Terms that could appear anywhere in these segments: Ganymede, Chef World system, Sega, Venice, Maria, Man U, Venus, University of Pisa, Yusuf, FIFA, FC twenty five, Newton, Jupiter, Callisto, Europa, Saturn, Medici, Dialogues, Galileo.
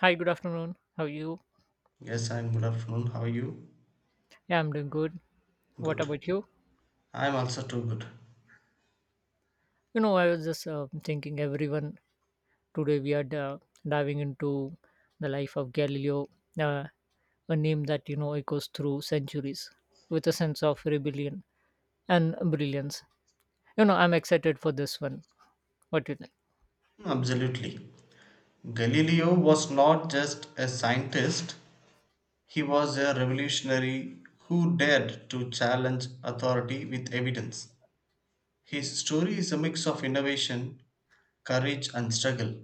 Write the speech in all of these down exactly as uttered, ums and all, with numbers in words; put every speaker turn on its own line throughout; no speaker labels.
Hi, good afternoon. How are you?
Yes, I'm good afternoon. How are you?
Yeah, I'm doing good. What
Good.
about you?
I'm also too good.
You know, I was just uh, thinking everyone today we are uh, diving into the life of Galileo, uh, a name that you know echoes through centuries with a sense of rebellion and brilliance. You know, I'm excited for this one. What do you think?
Hmm, absolutely. Galileo was not just a scientist, he was a revolutionary who dared to challenge authority with evidence. His story is a mix of innovation, courage, and struggle.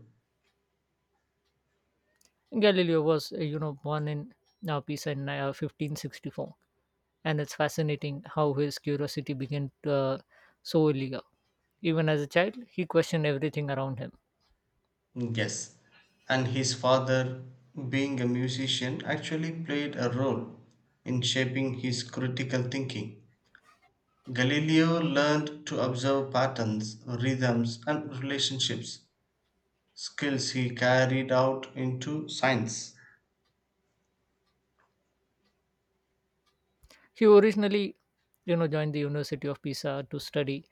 Galileo was, uh, you know, born in uh, Pisa in uh, fifteen sixty-four, and it's fascinating how his curiosity began uh, so early. Even as a child, he questioned everything around him.
Yes, and his father, being a musician, actually played a role in shaping his critical thinking. Galileo learned to observe patterns, rhythms, and relationships, skills he carried out into science.
He originally, you know, joined the University of Pisa to study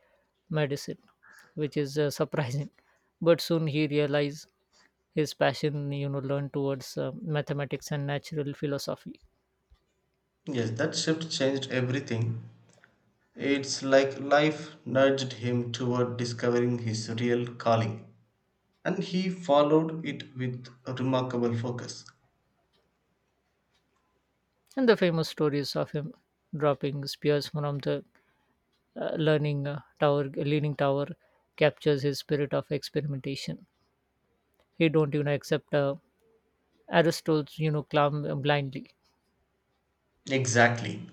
medicine, which is uh, surprising. But soon he realized his passion, you know, learned towards uh, mathematics and natural philosophy.
Yes, that shift changed everything. It's like life nudged him toward discovering his real calling, and he followed it with remarkable focus.
And the famous stories of him dropping spears from the uh, learning uh, tower, leaning tower, captures his spirit of experimentation. He don't, you know, accept uh, Aristotle's, you know, clam uh, blindly.
Exactly.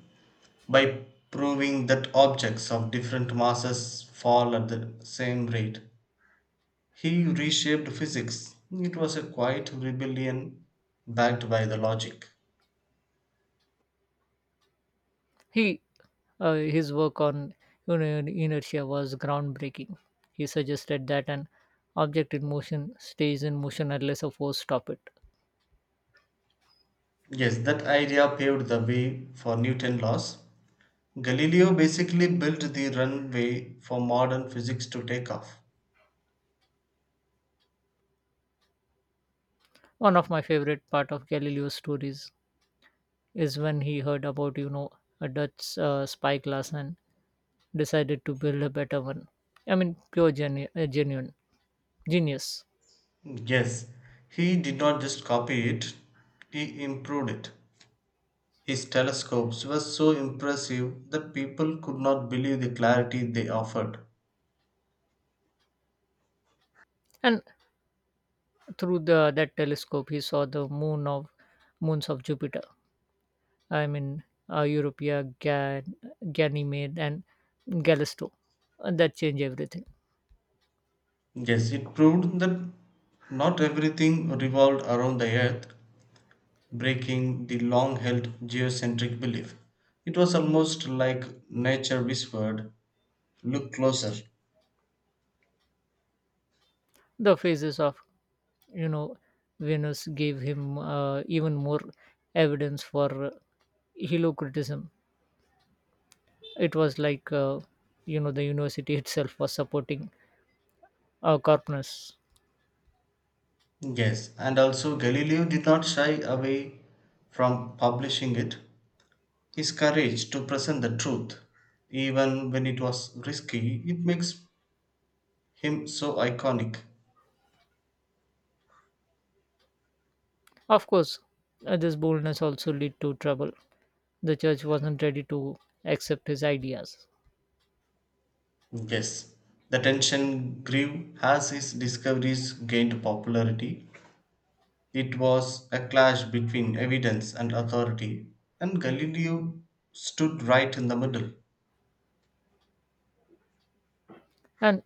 By proving that objects of different masses fall at the same rate, he reshaped physics. It was a quiet rebellion backed by the logic.
He, uh, his work on iner- inertia was groundbreaking. He suggested that an object in motion stays in motion unless a force stops it.
Yes, that idea paved the way for Newton's laws. Galileo basically built the runway for modern physics to take off.
One of my favorite part of Galileo's stories is when he heard about you know a Dutch uh, spyglass and decided to build a better one. I mean, pure genu- uh, genuine genius.
Yes, he did not just copy it, he improved it. His telescopes were so impressive that people could not believe the clarity they offered.
And through the that telescope, he saw the moon of moons of Jupiter. I mean, uh, Europea, Gan- Ganymede, and Callisto. And that changed everything.
Yes, it proved that not everything revolved around the Earth, breaking the long held geocentric belief. It was almost like nature whispered, "Look closer."
The phases of, you know, Venus gave him uh, even more evidence for uh, heliocriticism. It was like, uh, you know, the university itself was supporting uh, Corpus.
Yes, and also Galileo did not shy away from publishing it. His courage to present the truth, even when it was risky, it makes him so iconic.
Of course, uh, this boldness also led to trouble. The church wasn't ready to accept his ideas.
Yes, the tension grew as his discoveries gained popularity. It was a clash between evidence and authority, and Galileo stood right in the middle.
And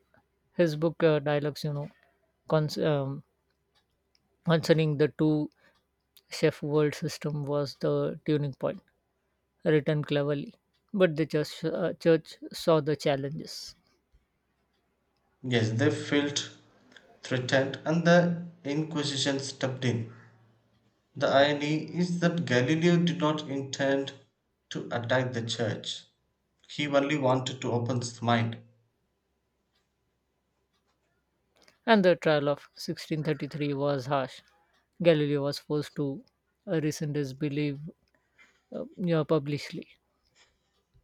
his book, uh, Dialogues, you know, cons- um, concerning the two Chef World system was the turning point, written cleverly. But the church, uh, church saw the challenges,
Yes, they felt threatened, and the Inquisition stepped in. The irony is that Galileo did not intend to attack the church, he only wanted to open his mind.
and the trial of sixteen thirty-three was harsh. Galileo was forced to uh, rescind his belief uh, you know, publicly,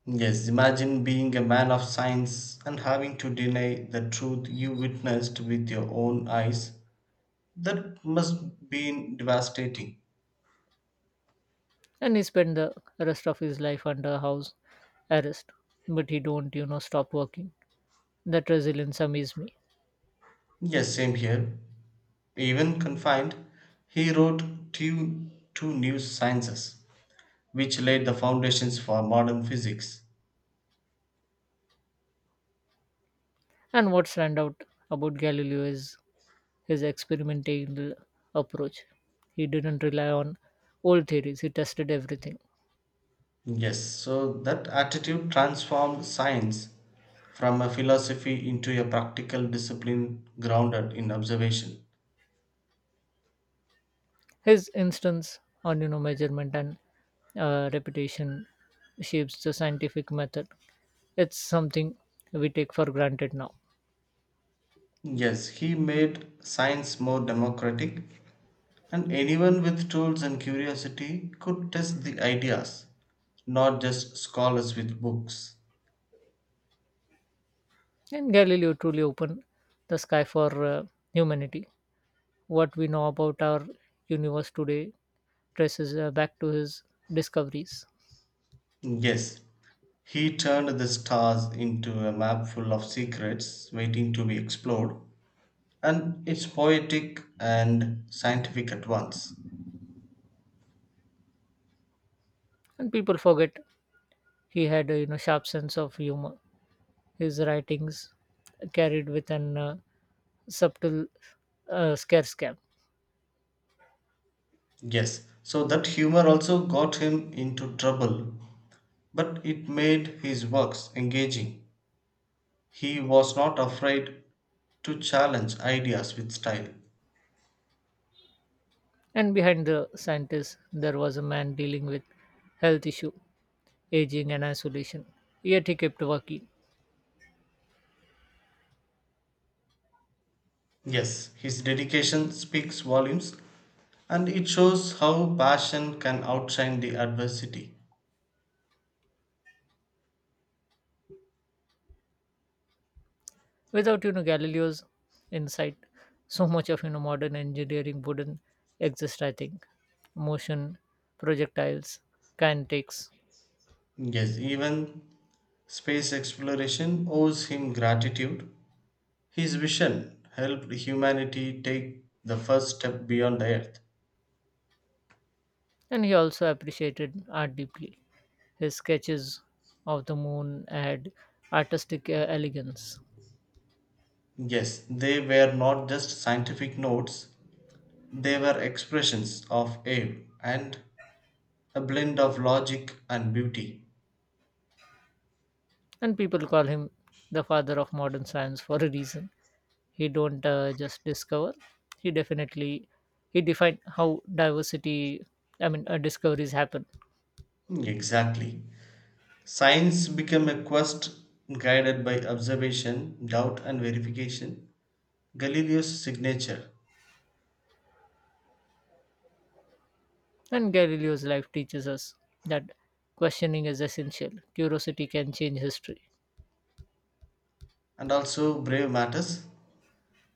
Yes, imagine being a man of science and having to deny the truth you witnessed with your own eyes. That must be devastating.
and he spent the rest of his life under house arrest. But he don't, you know, stop working. That resilience amazed me.
Yes, same here. Even confined, he wrote two, two new sciences, which laid the foundations for modern physics.
And what stand out about Galileo is his experimental approach. He didn't rely on old theories. He tested everything.
Yes, so that attitude transformed science from a philosophy into a practical discipline grounded in observation.
His instance on you know measurement and uh, repetition shapes the scientific method. It's something we take for granted now.
Yes, he made science more democratic, and anyone with tools and curiosity could test the ideas, not just scholars with books.
And Galileo truly opened the sky for uh, humanity. What we know about our universe today traces uh, back to his discoveries.
Yes, he turned the stars into a map full of secrets waiting to be explored, and it's poetic and scientific at once.
And people forget he had a you know sharp sense of humor. His writings carried with an uh, subtle uh, scarce cap.
Yes, so that humor also got him into trouble, but it made his works engaging. He was not afraid to challenge ideas with style.
And behind the scientist, there was a man dealing with health issue, aging, and isolation. Yet he kept working.
Yes, his dedication speaks volumes and it shows how passion can outshine the adversity.
Without you know Galileo's insight, so much of you know modern engineering wouldn't exist. I think motion, projectiles, kinetics,
Yes, even space exploration owes him gratitude. His vision helped humanity take the first step beyond the Earth.
and he also appreciated art deeply. His sketches of the moon had artistic uh, elegance,
Yes, they were not just scientific notes, they were expressions of awe and a blend of logic and beauty.
and people call him the father of modern science for a reason. He don't uh, just discover, he definitely, he defined how diversity I mean uh, discoveries happen.
Exactly. Science became a quest guided by observation, doubt, and verification. Galileo's signature,
And Galileo's life teaches us that questioning is essential, curiosity can change history.
and also brave matters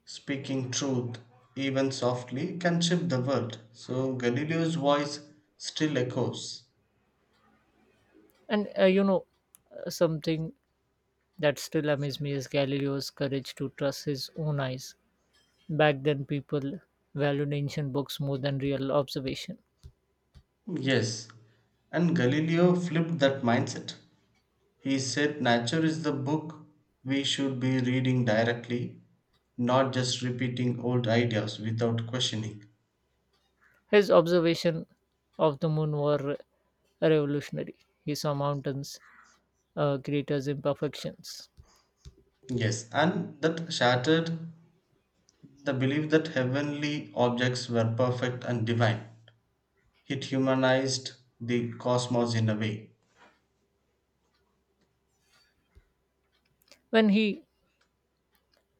speaking truth, even softly, can shift the world. So Galileo's voice still echoes.
And uh, you know uh, something that still amazes me is Galileo's courage to trust his own eyes. Back then people valued ancient books more than real observation.
Yes, and Galileo flipped that mindset. He said nature is the book we should be reading directly, not just repeating old ideas without questioning.
His observations of the moon were revolutionary. He saw mountains, uh, craters, imperfections.
Yes, and that shattered the belief that heavenly objects were perfect and divine. It humanized the cosmos in a way.
When he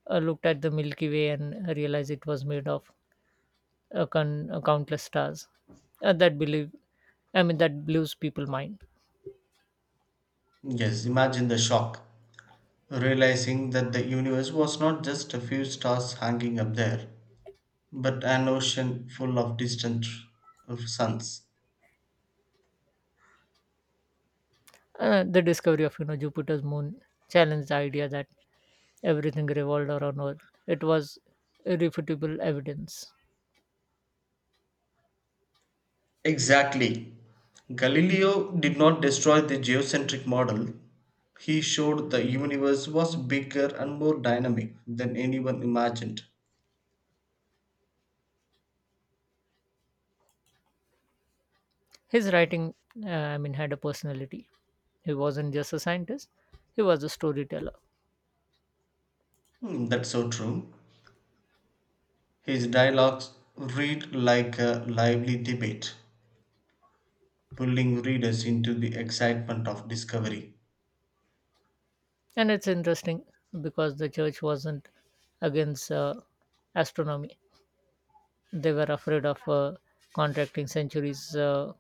uh, looked at the Milky Way and realized it was made of uh, con- uh, countless stars, uh, that believe, I mean, that blows people mind.
Yes, imagine the shock, realizing that the universe was not just a few stars hanging up there, but an ocean full of distant uh, suns.
Uh, the discovery of you know Jupiter's moon challenged the idea that everything revolved around Earth. It was irrefutable evidence.
Exactly. Galileo did not destroy the geocentric model. He showed the universe was bigger and more dynamic than anyone imagined.
His writing, uh, I mean, had a personality. He wasn't just a scientist, he was a storyteller.
Hmm, that's so true. His dialogues read like a lively debate, pulling readers into the excitement of discovery.
And it's interesting because the church wasn't against uh, astronomy, they were afraid of uh, contracting centuries uh,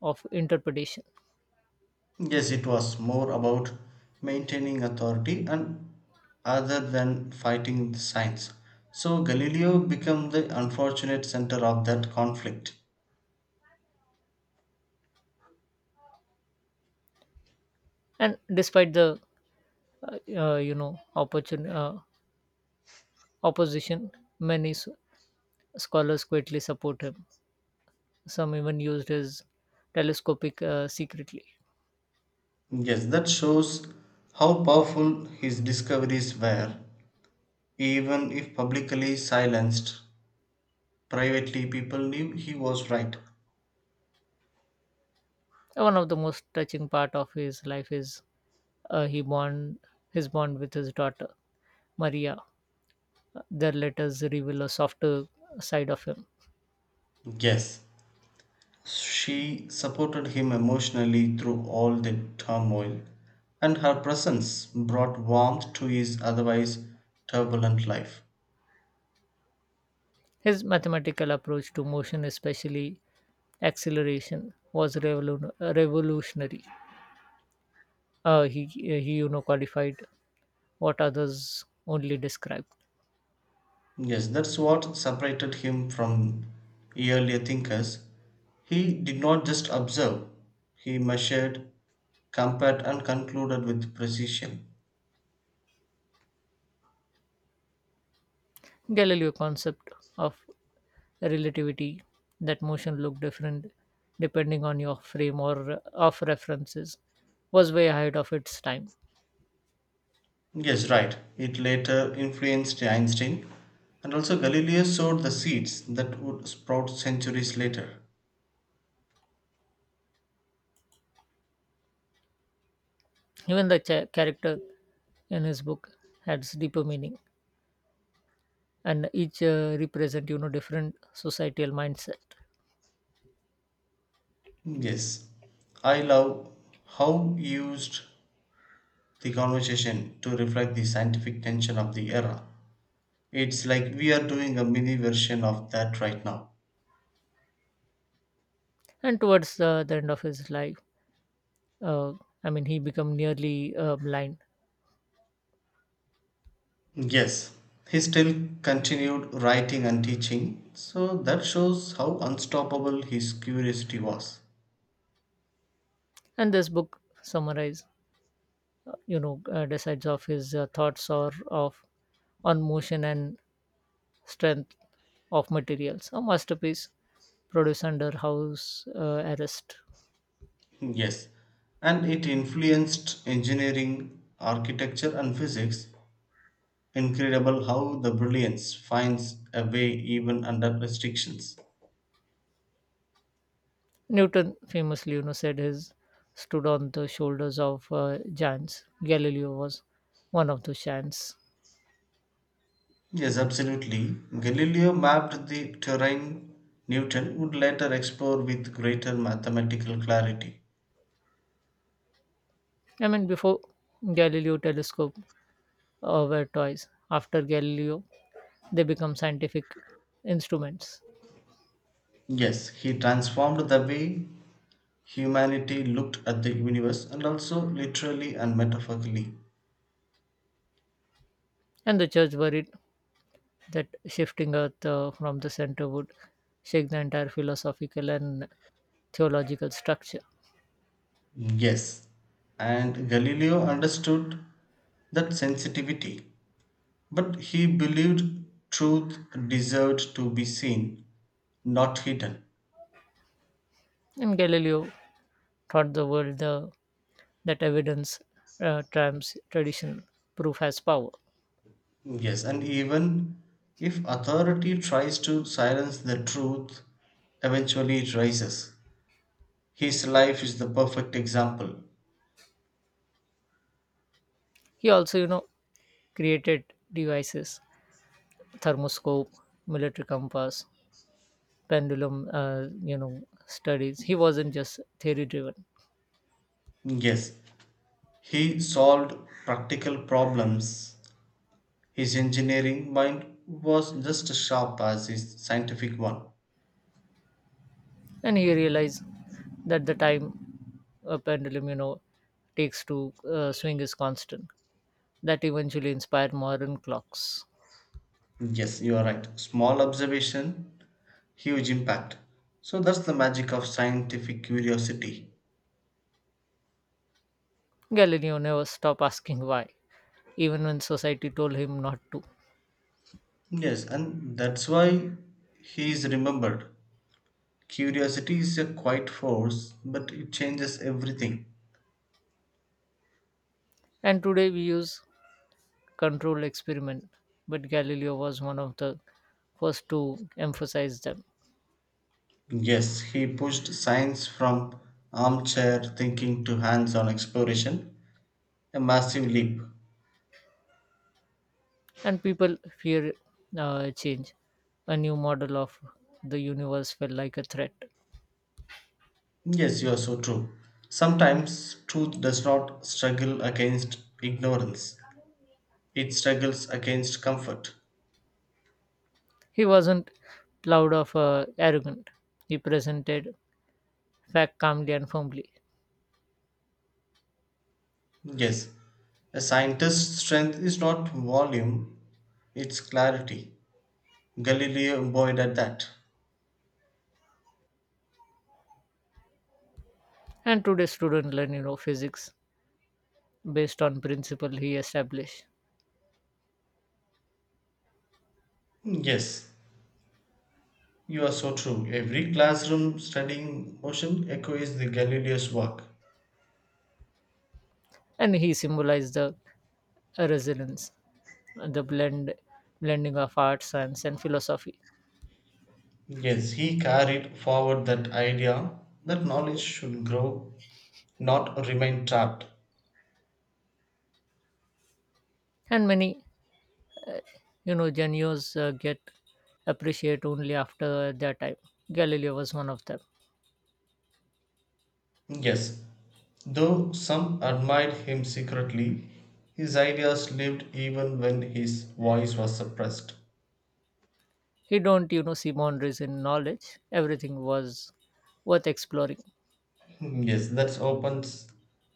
of interpretation.
Yes, it was more about maintaining authority and other than fighting the science. So Galileo became the unfortunate center of that conflict.
And despite the uh, uh, you know opportun- uh, opposition, many s- scholars quietly support him. Some even used his telescopic uh, secretly.
Yes, that shows how powerful his discoveries were. Even if publicly silenced, privately people knew he was right.
One of the most touching part of his life is uh, he bond his bond with his daughter Maria. Their letters reveal a softer side of him.
Yes, she supported him emotionally through all the turmoil, and her presence brought warmth to his otherwise turbulent life.
His mathematical approach to motion, especially acceleration, was revolu- revolutionary. Uh, he uh, he you know qualified what others only describe.
Yes, that's what separated him from earlier thinkers. He did not just observe, he measured, compared, and concluded with precision.
Galileo concept of relativity that motion looked different depending on your frame or uh, of references was way ahead of its time.
Yes, right. It later influenced Einstein, and also Galileo sowed the seeds that would sprout centuries later.
Even the cha- character in his book has deeper meaning, and each uh, represent you know different societal mindset.
Yes, I love how used the conversation to reflect the scientific tension of the era. It's like we are doing a mini version of that right now.
And towards the, the end of his life, uh, I mean, he become nearly uh, blind.
Yes, he still continued writing and teaching, so that shows how unstoppable his curiosity was.
And this book summarize, uh, you know, uh, decides of his uh, thoughts or of on motion and strength of materials. A masterpiece produced under house uh, arrest.
Yes, and it influenced engineering, architecture, and physics. Incredible how the brilliance finds a way even under restrictions.
Newton famously, you know, said his stood on the shoulders of uh, giants. Galileo was one of those giants.
Yes, absolutely. Galileo mapped the terrain Newton would later explore with greater mathematical clarity.
I mean, before Galileo telescope uh, were toys. After Galileo, they become scientific instruments.
Yes, he transformed the way humanity looked at the universe and also literally and metaphorically.
And the church worried that shifting Earth uh, from the center would shake the entire philosophical and theological structure.
Yes, and Galileo understood that sensitivity, but he believed truth deserved to be seen, not hidden.
And Galileo taught the world the, that evidence uh, trumps tradition. Proof has power.
Yes, and even if authority tries to silence the truth, eventually it rises. His life is the perfect example.
He also you know created devices, thermoscope, military compass, pendulum, uh, you know, studies. He wasn't just theory driven,
Yes, he solved practical problems. His engineering mind was just as sharp as his scientific one.
and he realized that the time a pendulum, you know, takes to uh, swing is constant. That eventually inspired modern clocks.
Yes, you are right. Small observation, huge impact. So that's the magic of scientific curiosity.
Galileo never stopped asking why, even when society told him not to.
Yes, and that's why he is remembered. Curiosity is a quiet force, but it changes everything.
And today we use controlled experiment, but Galileo was one of the first to emphasize them.
Yes, he pushed science from armchair thinking to hands on exploration, a massive leap.
And people fear uh, change. A new model of the universe felt like a threat.
Yes, you are so true. Sometimes truth does not struggle against ignorance, it struggles against comfort.
He wasn't loud or uh, arrogant. He presented fact calmly and firmly.
Yes, a scientist's strength is not volume, it's clarity. Galileo embodied that.
And today, students learn, you know, physics based on principle he established,
Yes, you are so true. Every classroom studying motion echoes the Galileo's work.
and he symbolized the uh, resilience, the blend, blending of art, science, and philosophy.
Yes, he carried forward that idea that knowledge should grow, not remain trapped.
And many, you know, genius uh, get appreciate only after their time. Galileo was one of them.
Yes, though some admired him secretly, his ideas lived even when his voice was suppressed.
He don't, you know, see boundaries in knowledge. Everything was worth exploring.
Yes, that's opens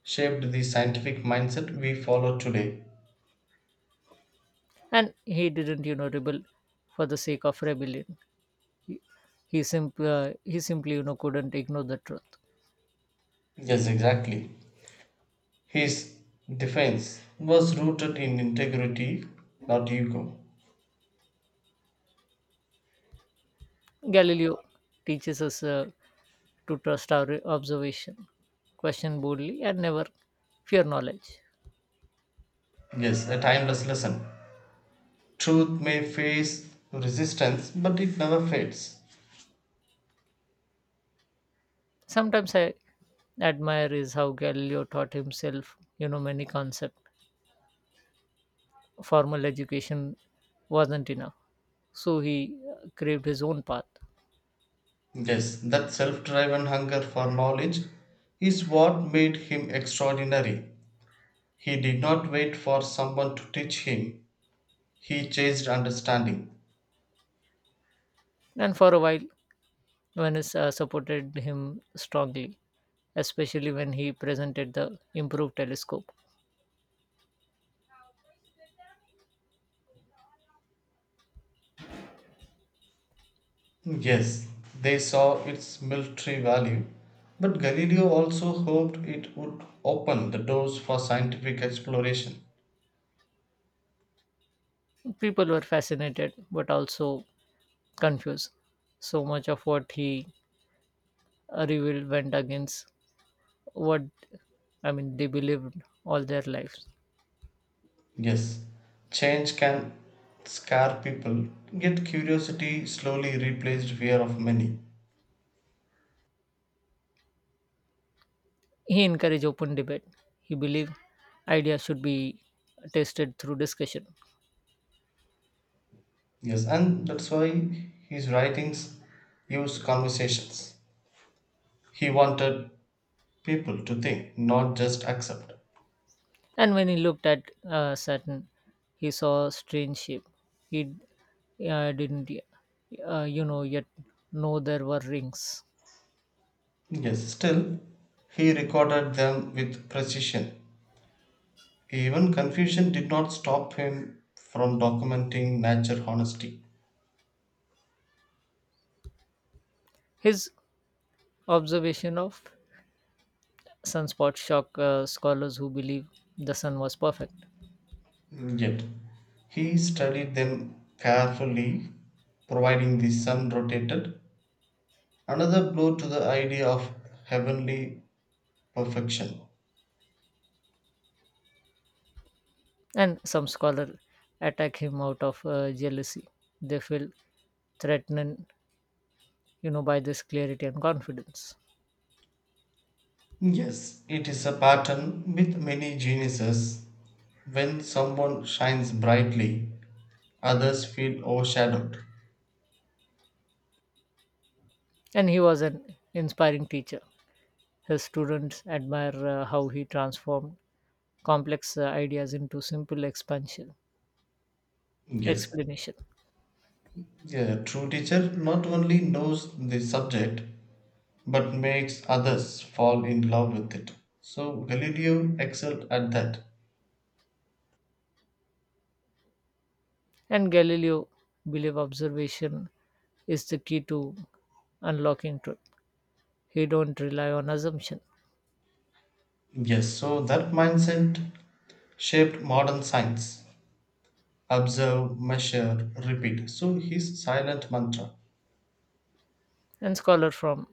shaped the scientific mindset we follow today.
And he didn't, you know, rebel for the sake of rebellion. He, he, simply, uh, he simply, you know, couldn't ignore the truth.
Yes, exactly. His defense was rooted in integrity, not ego.
Galileo teaches us uh, to trust our observation, question boldly, and never fear knowledge.
Yes, a timeless lesson. Truth may face resistance, but it never fades.
Sometimes I admire is how Galileo taught himself, you know, many concepts. Formal education wasn't enough, so he uh, craved his own path.
Yes, that self driven hunger for knowledge is what made him extraordinary. He did not wait for someone to teach him, he chased understanding.
And for a while, Venice uh, supported him strongly, especially when he presented the improved telescope.
Yes, they saw its military value, but Galileo also hoped it would open the doors for scientific exploration.
People were fascinated but also confused. So much of what he uh, revealed went against what I mean they believed all their lives.
Yes, change can scare people, yet curiosity slowly replaced fear of many.
He encouraged open debate. He believed ideas should be tested through discussion.
Yes, and that's why his writings use conversations. He wanted people to think, not just accept.
And when he looked at uh, Saturn, he saw a strange shape. He uh, didn't, uh, you know, Yet know there were rings.
Yes, still, he recorded them with precision. Even confusion did not stop him from documenting nature honesty.
His observation of sunspots shocked uh, scholars who believe the sun was perfect,
Yet, he studied them carefully, providing the sun rotated another blow to the idea of heavenly perfection.
and some scholars attack him out of uh, jealousy. They feel threatened, you know, by this clarity and confidence.
Yes, it is a pattern with many geniuses. When someone shines brightly, others feel overshadowed.
And he was an inspiring teacher. His students admire uh, how he transformed complex uh, ideas into simple expansion
Yes,
explanation,
a true teacher not only knows the subject but makes others fall in love with it. So Galileo excelled at that.
and Galileo believed observation is the key to unlocking truth. He don't rely on assumption.
Yes, so that mindset shaped modern science. Observe, measure, repeat. So his silent mantra.
And scholars from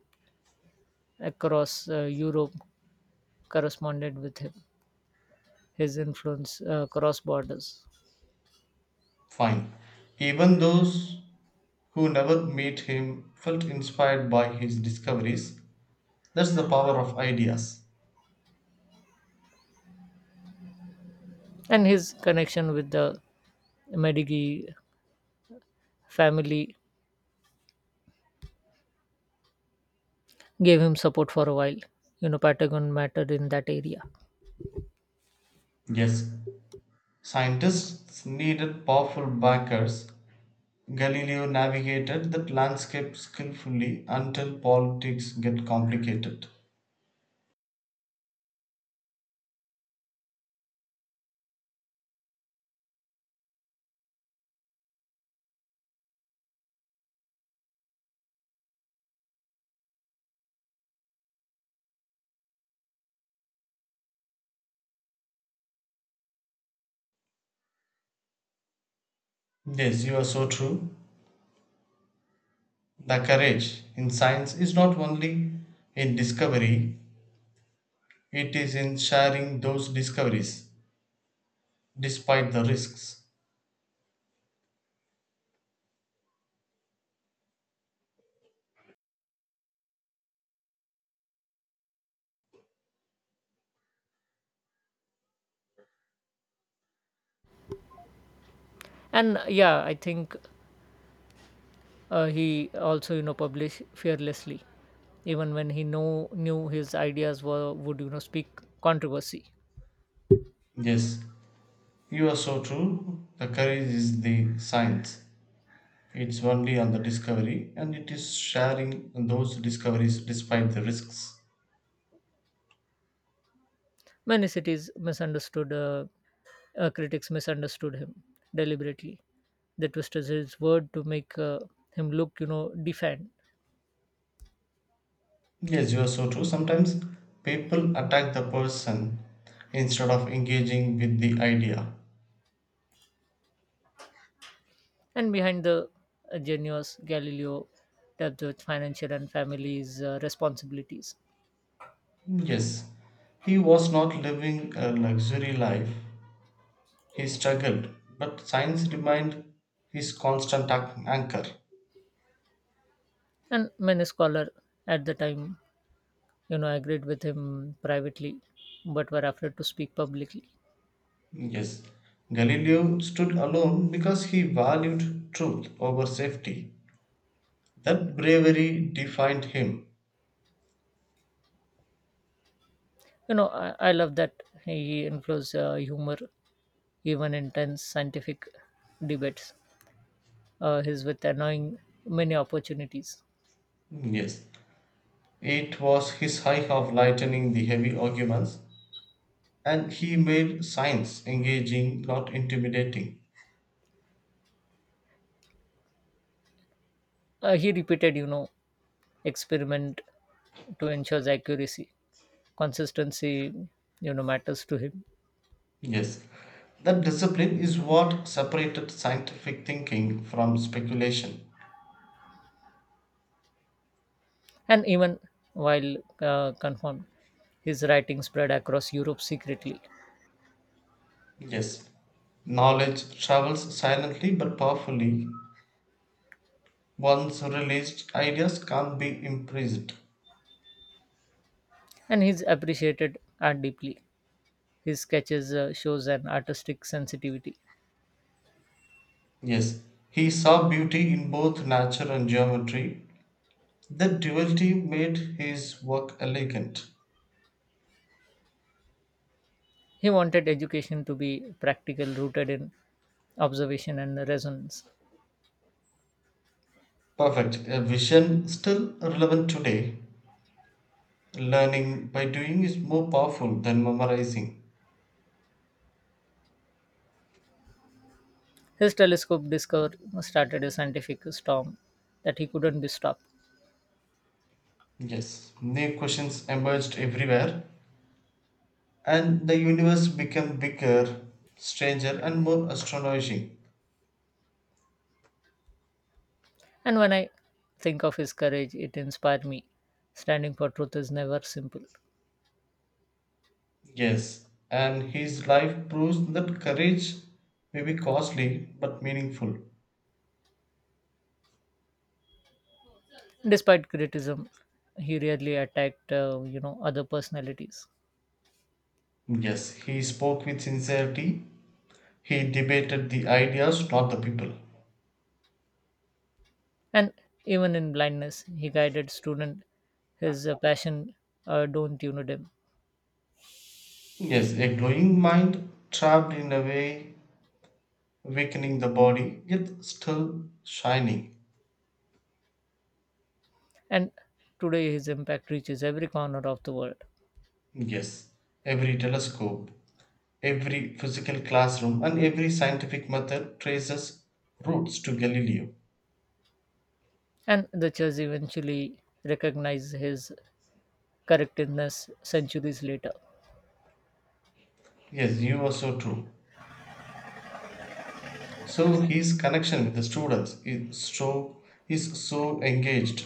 across uh, Europe corresponded with him. His influence uh, cross borders,
Fine. Even those who never met him felt inspired by his discoveries. That's the power of ideas.
and his connection with the Medici family gave him support for a while. You know patagon mattered in that area.
Yes, scientists needed powerful backers. Galileo navigated that landscape skillfully until politics get complicated. Yes, you are so true. The courage in science is not only in discovery, it is in sharing those discoveries despite the risks.
And uh, yeah I think uh, he also you know published fearlessly even when he know, knew his ideas were would you know speak controversy.
Yes, you are so true. The courage is the science. It's only on the discovery, and it is sharing those discoveries despite the risks.
Many cities misunderstood uh, uh, critics misunderstood him deliberately. They twisted his word to make uh, him look you know defiant.
Yes, you are so true. Sometimes people attack the person instead of engaging with the idea.
And behind the uh, genius, Galileo dealt with financial and family's uh, responsibilities.
Yes, he was not living a luxury life. He struggled, but science remained his constant an- anchor.
And many scholars at the time you know agreed with him privately, but were afraid to speak publicly.
Yes, Galileo stood alone because he valued truth over safety. That bravery defined him.
you know i, I love that he influenced uh, humor even intense scientific debates. Uh, he's with annoying many opportunities.
Yes, it was his eye of lightening the heavy arguments, and he made science engaging, not intimidating.
Uh, he repeated, you know, experiment to ensure accuracy, consistency, you know, matters to him.
Yes, that discipline is what separated scientific thinking from speculation.
And even while uh, confirmed, his writing spread across Europe secretly,
Yes, knowledge travels silently but powerfully. Once released, ideas can't be imprisoned.
and he's appreciated art deeply. His sketches uh, shows an artistic sensitivity.
Yes, he saw beauty in both nature and geometry, the duality made his work elegant,
He wanted education to be practical, rooted in observation and resonance.
perfect, a vision still relevant today. Learning by doing is more powerful than memorizing.
His telescope discovery started a scientific storm that he couldn't be stopped.
Yes, new questions emerged everywhere, and the universe became bigger, stranger, and more astonishing.
And when I think of his courage, it inspired me. Standing for truth is never simple.
Yes, and his life proves that courage may be costly but meaningful.
Despite criticism, he rarely attacked, uh, you know, other personalities.
Yes, he spoke with sincerity, he debated the ideas, not the people.
And even in blindness, he guided students. His uh, passion uh, don't unite him.
Yes, a glowing mind trapped in a way, weakening the body, yet still shining.
And today, his impact reaches every corner of the world.
Yes, every telescope, every physical classroom, and every scientific method traces roots to Galileo.
And the church eventually recognized his correctness centuries later.
Yes, you are so true. So his connection with the students is so is so engaged.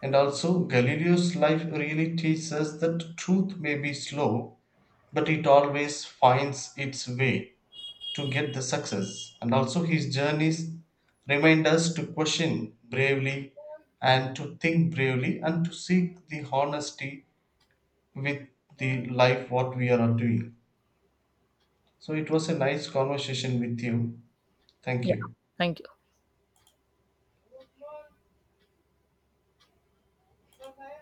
And also Galileo's life really teaches us that truth may be slow, but it always finds its way to get the success, and also his journeys remind us to question bravely and to think bravely and to seek the honesty with the life what we are doing. So it was a nice conversation with you. Thank
Yeah.
you.
Thank you.